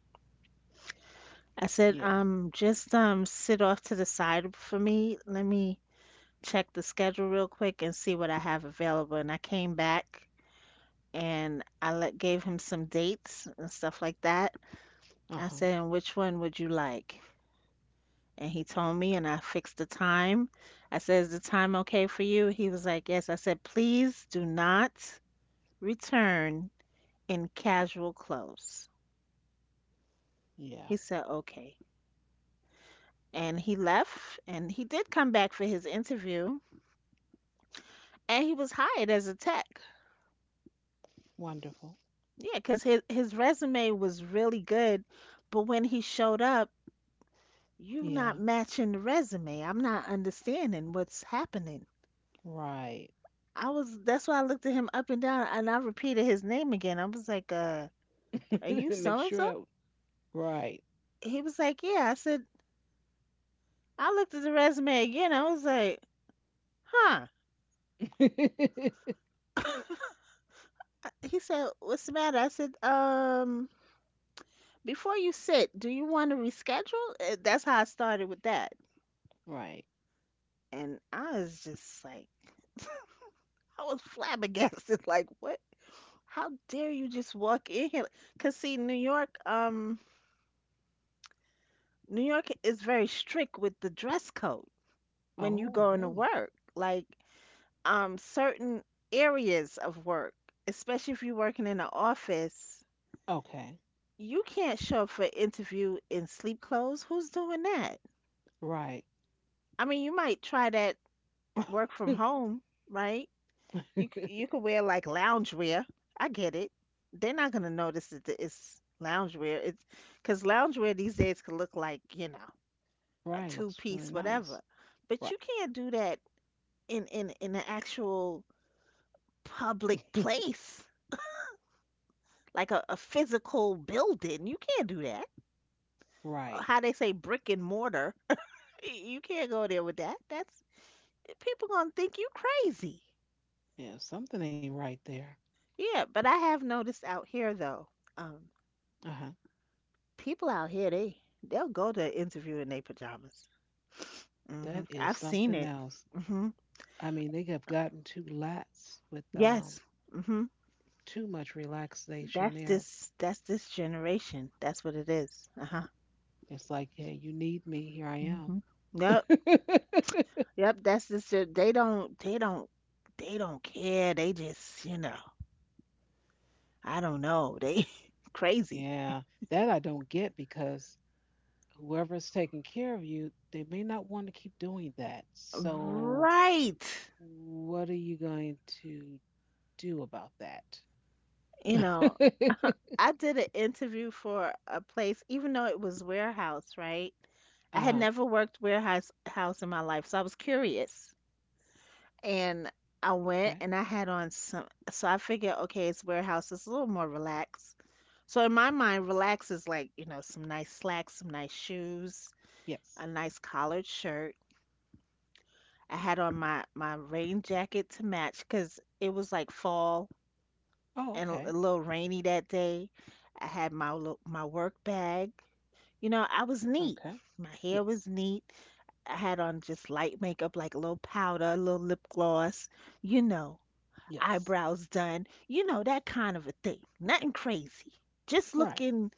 I said,
Yeah.
just sit off to the side for me. Let me check the schedule real quick and see what I have available. And I came back and I let, gave him some dates and stuff like that.
Uh
I
huh.
said, and which one would you like? And he told me, and I fixed the time. I said, is the time okay for you? He was like, yes. I said, please do not return in casual clothes. He
Yeah.
said, okay. And he left, and he did come back for his interview, and he was hired as a tech.
Wonderful.
Yeah, because his resume was really good, but when he showed up, you are
Yeah.
not matching the resume. I'm not understanding what's happening.
Right.
I was, that's why I looked at him up and down and I repeated his name again. I was like, are
[LAUGHS]
you
Make
so and
sure
so?
that right.
He was like, yeah. I said, I looked at the resume again. I was like, huh. [LAUGHS] He said, what's the matter? I said, um, before you sit, do you want to reschedule? That's how I started with that.
[LAUGHS] Right.
And I was just like, [LAUGHS] I was flabbergasted, [LAUGHS] like, what? How dare you just walk in here? Cause see, New York, New York is very strict with the dress code, when you
Oh,
go into
really?
work, like, um, certain areas of work, especially if you're working in an office,
Okay.
you can't show up for interview in sleep clothes. Who's doing that?
Right.
I mean, you might try that work
[LAUGHS]
from home, right? You could wear like loungewear. I get it. They're not gonna notice that it's loungewear. It's because loungewear these days could look like, you know, a
Right.
two
Looks really
piece
nice.
whatever. But
Right.
you can't do that in an actual public
[LAUGHS]
place, like a physical building. You can't do that.
Right.
How they say, brick and mortar. [LAUGHS] You can't go there with that. That's, people gonna think you crazy.
Yeah. Something ain't right there.
Yeah, but I have noticed out here though, um,
Uh huh.
people out here, they'll go to an interview in their pajamas. Hmm.
That is
I've seen
something
it.
else.
Hmm.
I mean, they have gotten too lax with
Yes. Hmm.
too much relaxation
That's
there.
this. That's this generation. That's what it is. Uh huh.
It's like, hey, you need me. Here I am.
Mm-hmm. Yup.
[LAUGHS]
Yep, that's just it. They don't care. They just, you know, I don't know. They [LAUGHS] crazy.
Yeah, that I don't get, because whoever's taking care of you, they may not want to keep doing that. So,
Right.
what are you going to do about that?
You know,
[LAUGHS]
I did an interview for a place, even though it was warehouse, right? I had
Uh-huh.
never worked warehouse house in my life, so I was curious. And I went
Okay.
and I had on some, so I figured, okay, it's warehouse, it's a little more relaxed. So in my mind, relax is like, you know, some nice slacks, some nice shoes, a
Yes.
nice collared shirt. I had on my rain jacket to match because it was like fall
Oh,
and
okay.
a little rainy that day. I had my my work bag. You know, I was neat.
Okay.
My hair was
Yes.
neat. I had on just light makeup, like a little powder, a little lip gloss. You know,
Yes.
eyebrows done. You know, that kind of a thing. Nothing crazy. Just
Right.
looking,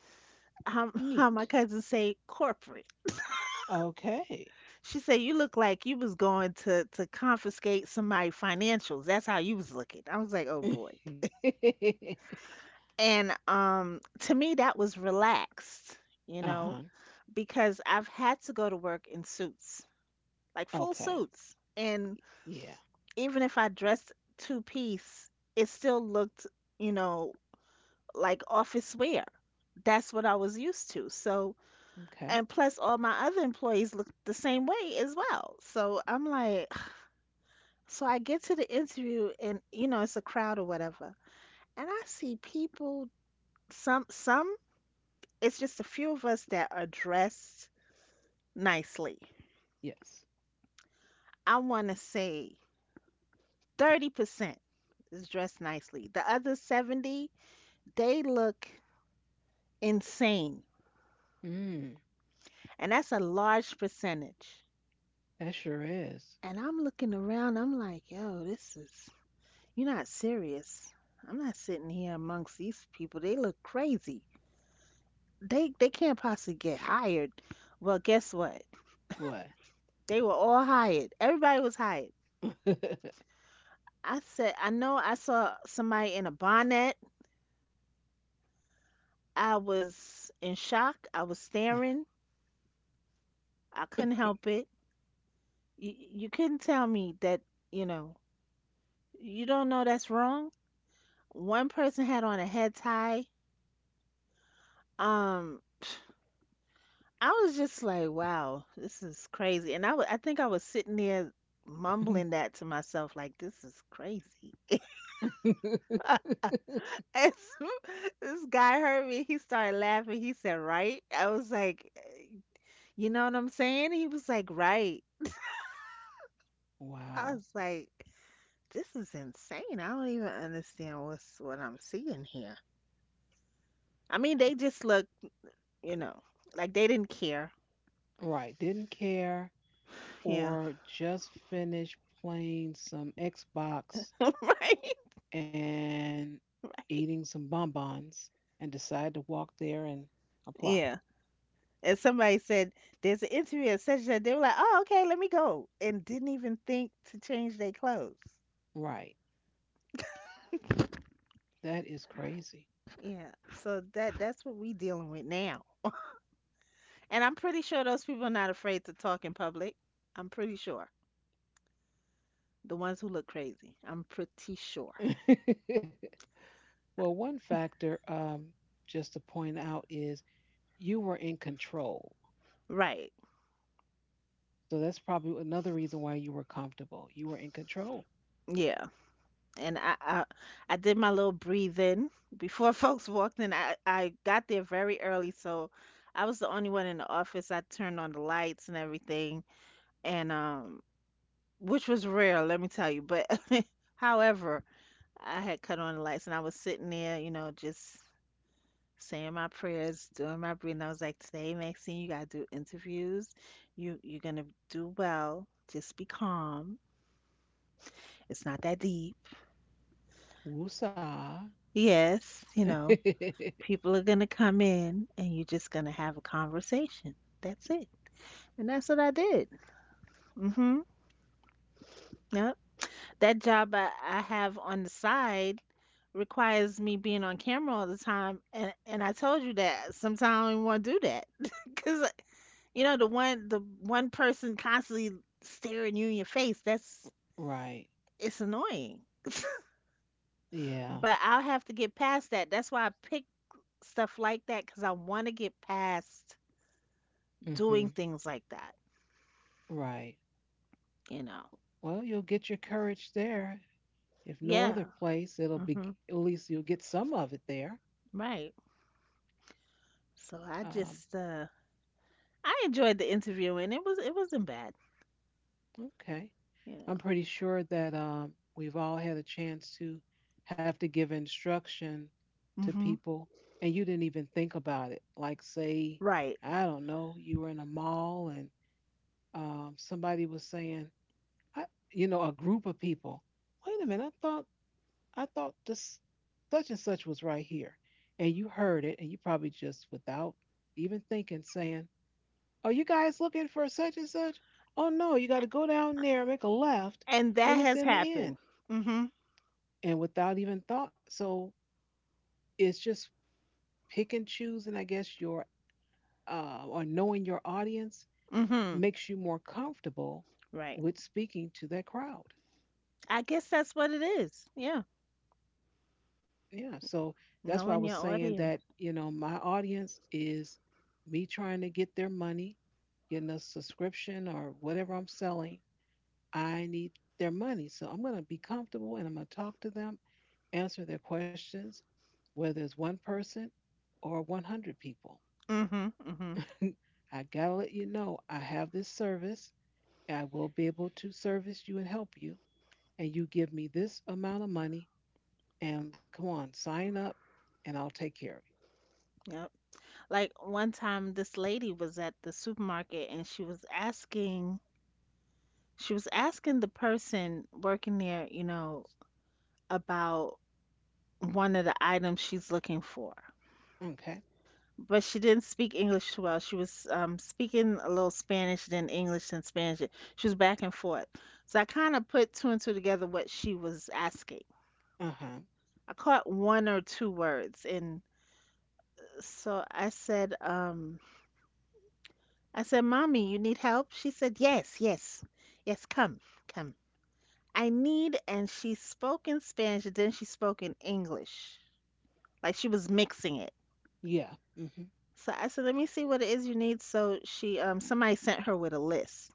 [LAUGHS] how my
Neat.
cousins say, corporate.
Okay.
She said, "You look like you was going to confiscate somebody' financials. That's how you was looking." I was like, "Oh boy."
[LAUGHS]
And to me that was relaxed, you know,
Uh-huh.
because I've had to go to work in suits, like full
Okay.
suits. And
Yeah.
even if I dressed two-piece, it still looked, you know, like office wear. That's what I was used to. So, and
Okay.
plus all my other employees looked the same way as well. So I'm like, so I get to the interview and you know it's a crowd or whatever. And I see people, some it's just a few of us that are dressed nicely.
Yes.
I want to say 30% is dressed nicely. The other 70, they look insane.
Mm,
And that's a large percentage.
that sure is.
And I'm looking around, I'm like, "Yo, this is you're not serious. I'm not sitting here amongst these people. They look crazy." They can't possibly get hired. Well, guess what?
What?
They were all hired. Everybody was hired. I said, I know I saw somebody in a bonnet. I was in shock. I was staring. I couldn't help it. You couldn't tell me that, you know, you don't know that's wrong. One person had on a head tie. Um, [SIGHS] I was just like, wow, this is crazy. And I think I was sitting there mumbling
[LAUGHS]
that to myself, like, this is crazy.
[LAUGHS]
And so [LAUGHS] this guy heard me. He started laughing. He said, "Right?" I was like, "Eh, you know what I'm saying?" He was like, "Right." I was
Wow.
like, "This is insane. I don't even understand what I'm seeing here." I mean, they just look, you know, like they didn't care.
Right. Didn't care,
Yeah.
or just finished playing some Xbox
[LAUGHS] Right.
and
Right.
eating some bonbons and decided to walk there and apply.
Yeah. And somebody said, "There's an interview at such and such." They were like, "Oh, okay, let me go," and didn't even think to change their clothes.
Right. That is crazy.
Yeah. So that's what we dealing with now. And I'm pretty sure those people are not afraid to talk in public. I'm pretty sure. The ones who look crazy. I'm pretty sure.
[LAUGHS] Well, one factor, just to point out, is you were in control.
Right.
So that's probably another reason why you were comfortable. You were in control.
Yeah. And I did my little breathing before [LAUGHS] folks walked in. I got there very early, so I was the only one in the office. I turned on the lights and everything, and which was rare, let me tell you. But [LAUGHS] however, I had cut on the lights and I was sitting there, just saying my prayers, doing my breathing. I was like, today, Maxine, you gotta do interviews. You're gonna do well. Just be calm. It's not that deep.
Woosah.
Yes,
[LAUGHS]
people are gonna come in and you're just gonna have a conversation. That's it. And that's what I did. Mm-hmm. Yep. That job I have on the side requires me being on camera all the time and I told you that sometimes I don't want to do that [LAUGHS] because The one person constantly staring you in your face, that's
Right.
it's annoying.
Yeah.
But I'll have to get past that. That's why I pick stuff like that because I want to get past doing
Hmm.
things like that,
Right.
you know.
Well, you'll get your courage there. If no other
Yeah.
place, it'll be,
Hmm.
at least you'll get some of it there.
Right. So I
Um,
just I enjoyed the interview and it wasn't bad,
okay.
you know.
I'm pretty sure that we've all had a chance to have to give instruction to
Hmm.
people, and you didn't even think about it. Like, say,
Right.
I don't know, you were in a mall and somebody was saying, I, you know, a group of people, wait a minute, I thought this such and such was right here. And you heard it, and you probably just without even thinking saying, are you guys looking for such and such? Oh no, you got to go down there, make a left,
And that
and it's
has
in the end.
happened. Hmm.
And without even thought. So it's just pick and choose, and I guess your, or knowing your audience,
Hmm.
makes you more comfortable
Right.
with speaking to that crowd.
I guess that's what it is. Yeah.
Yeah, so that's why I
Knowing
was
your
saying that,
audience.
you know, my audience is me trying to get their money, getting a subscription or whatever I'm selling. I need their money. So I'm going to be comfortable and I'm going to talk to them, answer their questions, whether it's one person or 100 people.
Hmm. Hmm.
[LAUGHS] I got to let you know I have this service, and I will be able to service you and help you. And you give me this amount of money and come on, sign up and I'll take care of
Yep. Like one time this lady was at the supermarket and she was asking the person working there, about one of the items she's looking for.
you. Okay.
But she didn't speak English too well. She was speaking a little Spanish, then English, then Spanish. She was back and forth. So I kind of put two and two together what she was asking.
Uh huh.
I caught one or two words, and so I said, Mommy, you need help? She said, Yes, yes, yes, come, come. I need, and she spoke in Spanish, and then she spoke in English. Like she was mixing it.
Yeah. Hmm.
So I said, Let me see what it is you need. So somebody sent her with a list.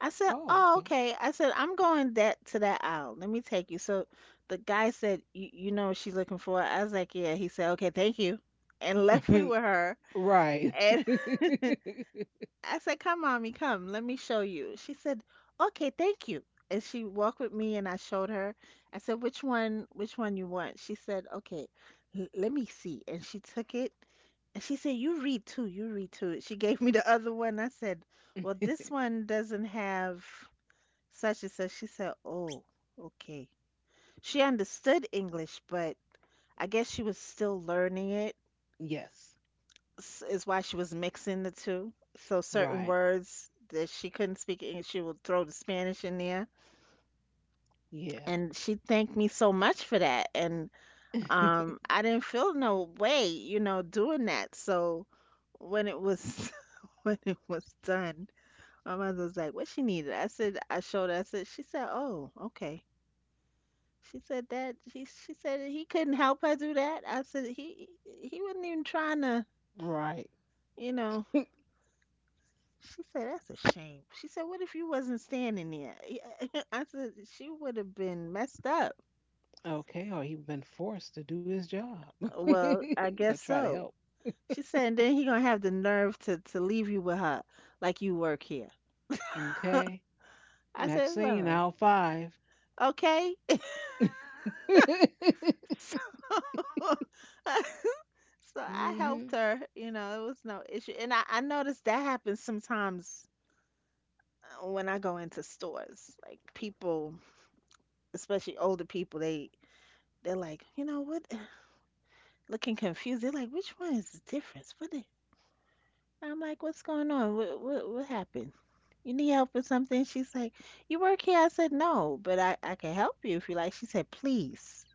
I said,
Oh,
Oh, okay. I said, I'm going that to that aisle. Let me take you. So the guy said, You know what she's looking for? I was like, Yeah. He said, Okay, thank you. And [LAUGHS] left me
okay.
with her.
[LAUGHS] Right.
And
[LAUGHS]
[LAUGHS] I said, Come, mommy, come, let me show you. She said, Okay, thank you. And she walked with me and I showed her. I said, Which one you want? She said, Okay, let me see. And she took it and she said, You read too, you read too. She gave me the [LAUGHS] other one. I said, Well, this one doesn't have such and such. She said, Oh, okay. She understood English, but I guess she was still learning it
Yes.
is why she was mixing the two. So certain
Right.
words that she couldn't speak English, she would throw the Spanish in there.
Yeah.
And she thanked me so much for that. And
[LAUGHS]
I didn't feel no way, doing that. So when it was [LAUGHS] when it was done, my mother was like, "What she needed?" I said, "I showed her." I said, "She said, oh, okay." She said that she said he couldn't help her do that. I said he wasn't even trying to,
Right.
you know, She said, "That's a shame." She said, "What if you wasn't standing there?" [LAUGHS] I said, "She would have been messed up."
Okay. Or he'd been forced to do his job,
Well, I
[LAUGHS] or
guess
try to
so.
help.
She said, "And then he gonna have the nerve to leave you with her, like you work here."
Okay.
I said, "It's all
Maxine,
right,
aisle five.
okay." [LAUGHS]
[LAUGHS]
So, [LAUGHS] so I helped
Hmm.
her. It was no issue, and I noticed that happens sometimes when I go into stores. Like people, especially older people, they're like, you know what? Looking confused. They're like, which one is the difference? What is? I'm like, what's going on? What happened? You need help with something? She's like, you work here? I said, no, but I can help you if you like. She said, please.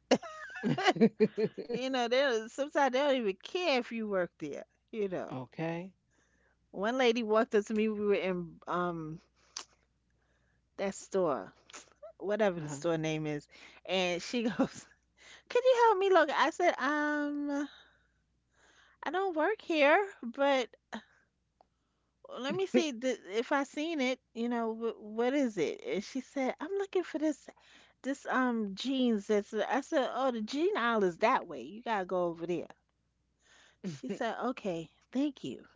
[LAUGHS]
You know, they don't, sometimes they don't even care if you work there. You know,
Okay.
one lady walked up to me. We were in that store, whatever the
Uh
store name is, and she [LAUGHS] goes, "Can you help me look?" I said, I don't work here, but well, let me
huh.
see if I seen it. What is it?" And she said, "I'm looking for this jeans." That's I said, "Oh, the jean aisle is that way. You gotta go over there." She said, "Okay, thank you."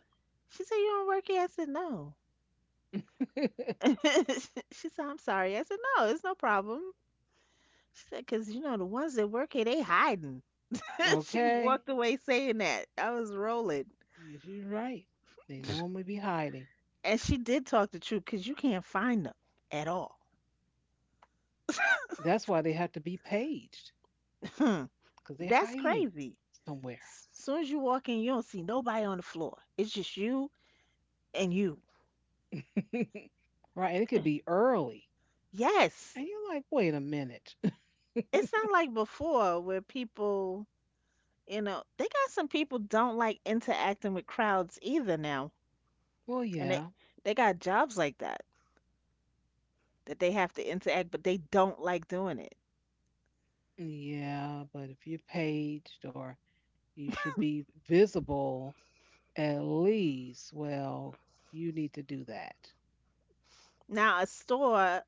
She said, "You don't work here?" I said, "No."
[LAUGHS]
[LAUGHS] She said, "I'm sorry." I said, "No, it's no problem." She said, "Cause you know the ones that work here, they hiding." [LAUGHS] She
Okay.
walked away saying that. I was rolling,
Yeah, she's right. They normally be hiding.
and she did talk the truth, cause you can't find them at all.
That's why they have to be paged,
[LAUGHS]
because they're
That's
hiding
crazy.
somewhere.
Soon as you walk in, you don't see nobody on the floor. It's just you and you.
[LAUGHS] Right? And it could be early,
Yes.
and you're like, wait a minute.
It's not like before where people, they got some people don't like interacting with crowds either now.
[LAUGHS] Well,
And they
yeah,
they got jobs like that that they have to interact, but they don't like doing it.
yeah, but if you're paged, or you should be visible at least, well, you need to do that.
Now, a store,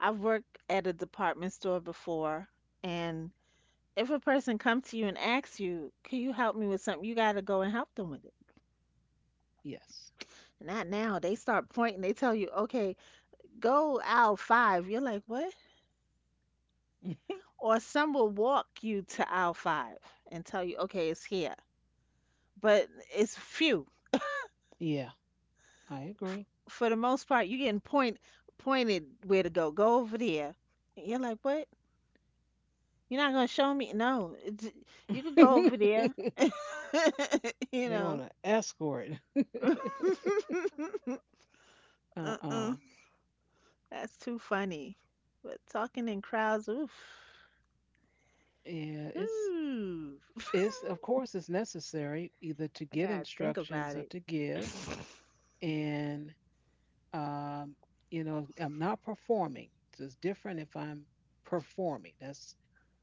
I've worked at a department store before, and if a person come to you and asks you, "Can you help me with something?" You got to go and help them with it.
Yes.
Not now. They start pointing. They tell you, "Okay, go aisle five. You're like, what?
[LAUGHS]
Or some will walk you to aisle five and tell you, okay, it's here. But it's few.
Yeah, I agree.
For the most part, you're getting pointed where to go. Go over there. And you're like, what? You're not gonna show me? No, you could
[LAUGHS]
go over
They
there. [LAUGHS] You
want
know.
to escort. [LAUGHS]
[LAUGHS]
Uh-uh.
Uh-uh. That's too funny. But talking in crowds, oof.
Yeah,
Ooh. [LAUGHS]
it's of course it's necessary either to
I
get
gotta think
instructions
about
or
it.
to give. And um, you know, I'm not performing, so it's different if I'm performing. That's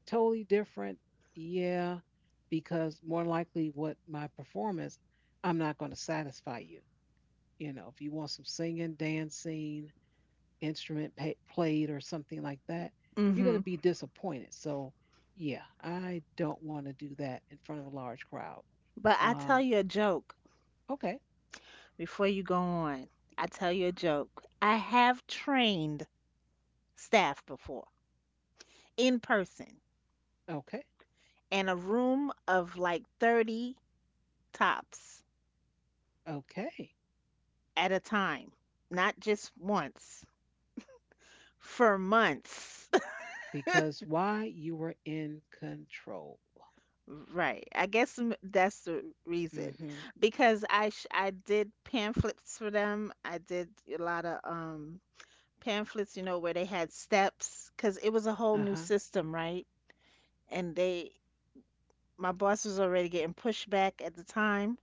totally different. Yeah. Because more likely what my performance, I'm not going to satisfy you. You know, if you want some singing, dancing, instrument pa played or something like that, you're going
Mm-hmm.
to be disappointed. So, yeah, I don't want to do that in front of a large crowd.
But I tell
um
you a joke
okay.
before you go on. I tell you a joke. I have trained staff before in person
Okay.
in a room of like 30 tops
Okay.
at a time, not just once, for months. [LAUGHS]
Because why? You were in control.
Right. I guess that's the reason
Mm-hmm.
because I did pamphlets for them. I did a lot of pamphlets, where they had steps because it was a whole new
Uh-huh.
system, right? And they my boss was already getting pushback at the time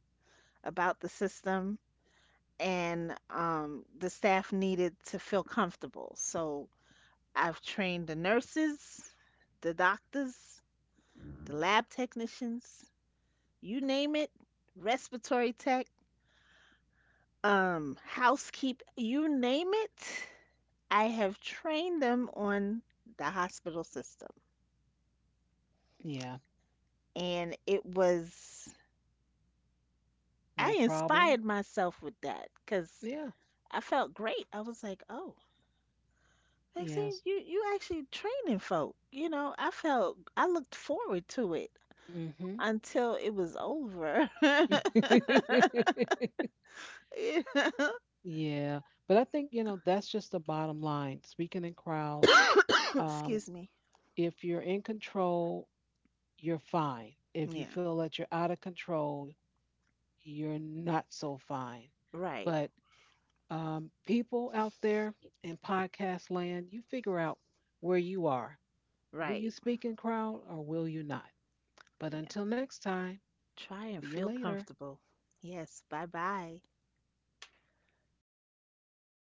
about the system, and the staff needed to feel comfortable. So I've trained the nurses, the doctors, the lab technicians, you name it, respiratory tech, housekeep, you name it. I have trained them on the hospital system.
Yeah.
And
No
I
problem.
inspired myself with that because
Yeah.
I felt great. I was like, oh, like, see,
Yes.
you actually training folk. I looked forward to it
Mm-hmm.
until it was over. [LAUGHS]
[LAUGHS]
You know?
Yeah, but I think, you know, that's just the bottom line. Speaking in crowds,
[COUGHS]
um,
Excuse me.
if you're in control, you're fine. If you
Yeah.
feel that you're out of control, you're not so fine.
Right.
But people out there in podcast land, you figure out where you are. Will you
Right.
speak in crowd or will you not? But
Yeah.
until next time,
Try and
see you
feel
later.
comfortable. Yes. Bye bye.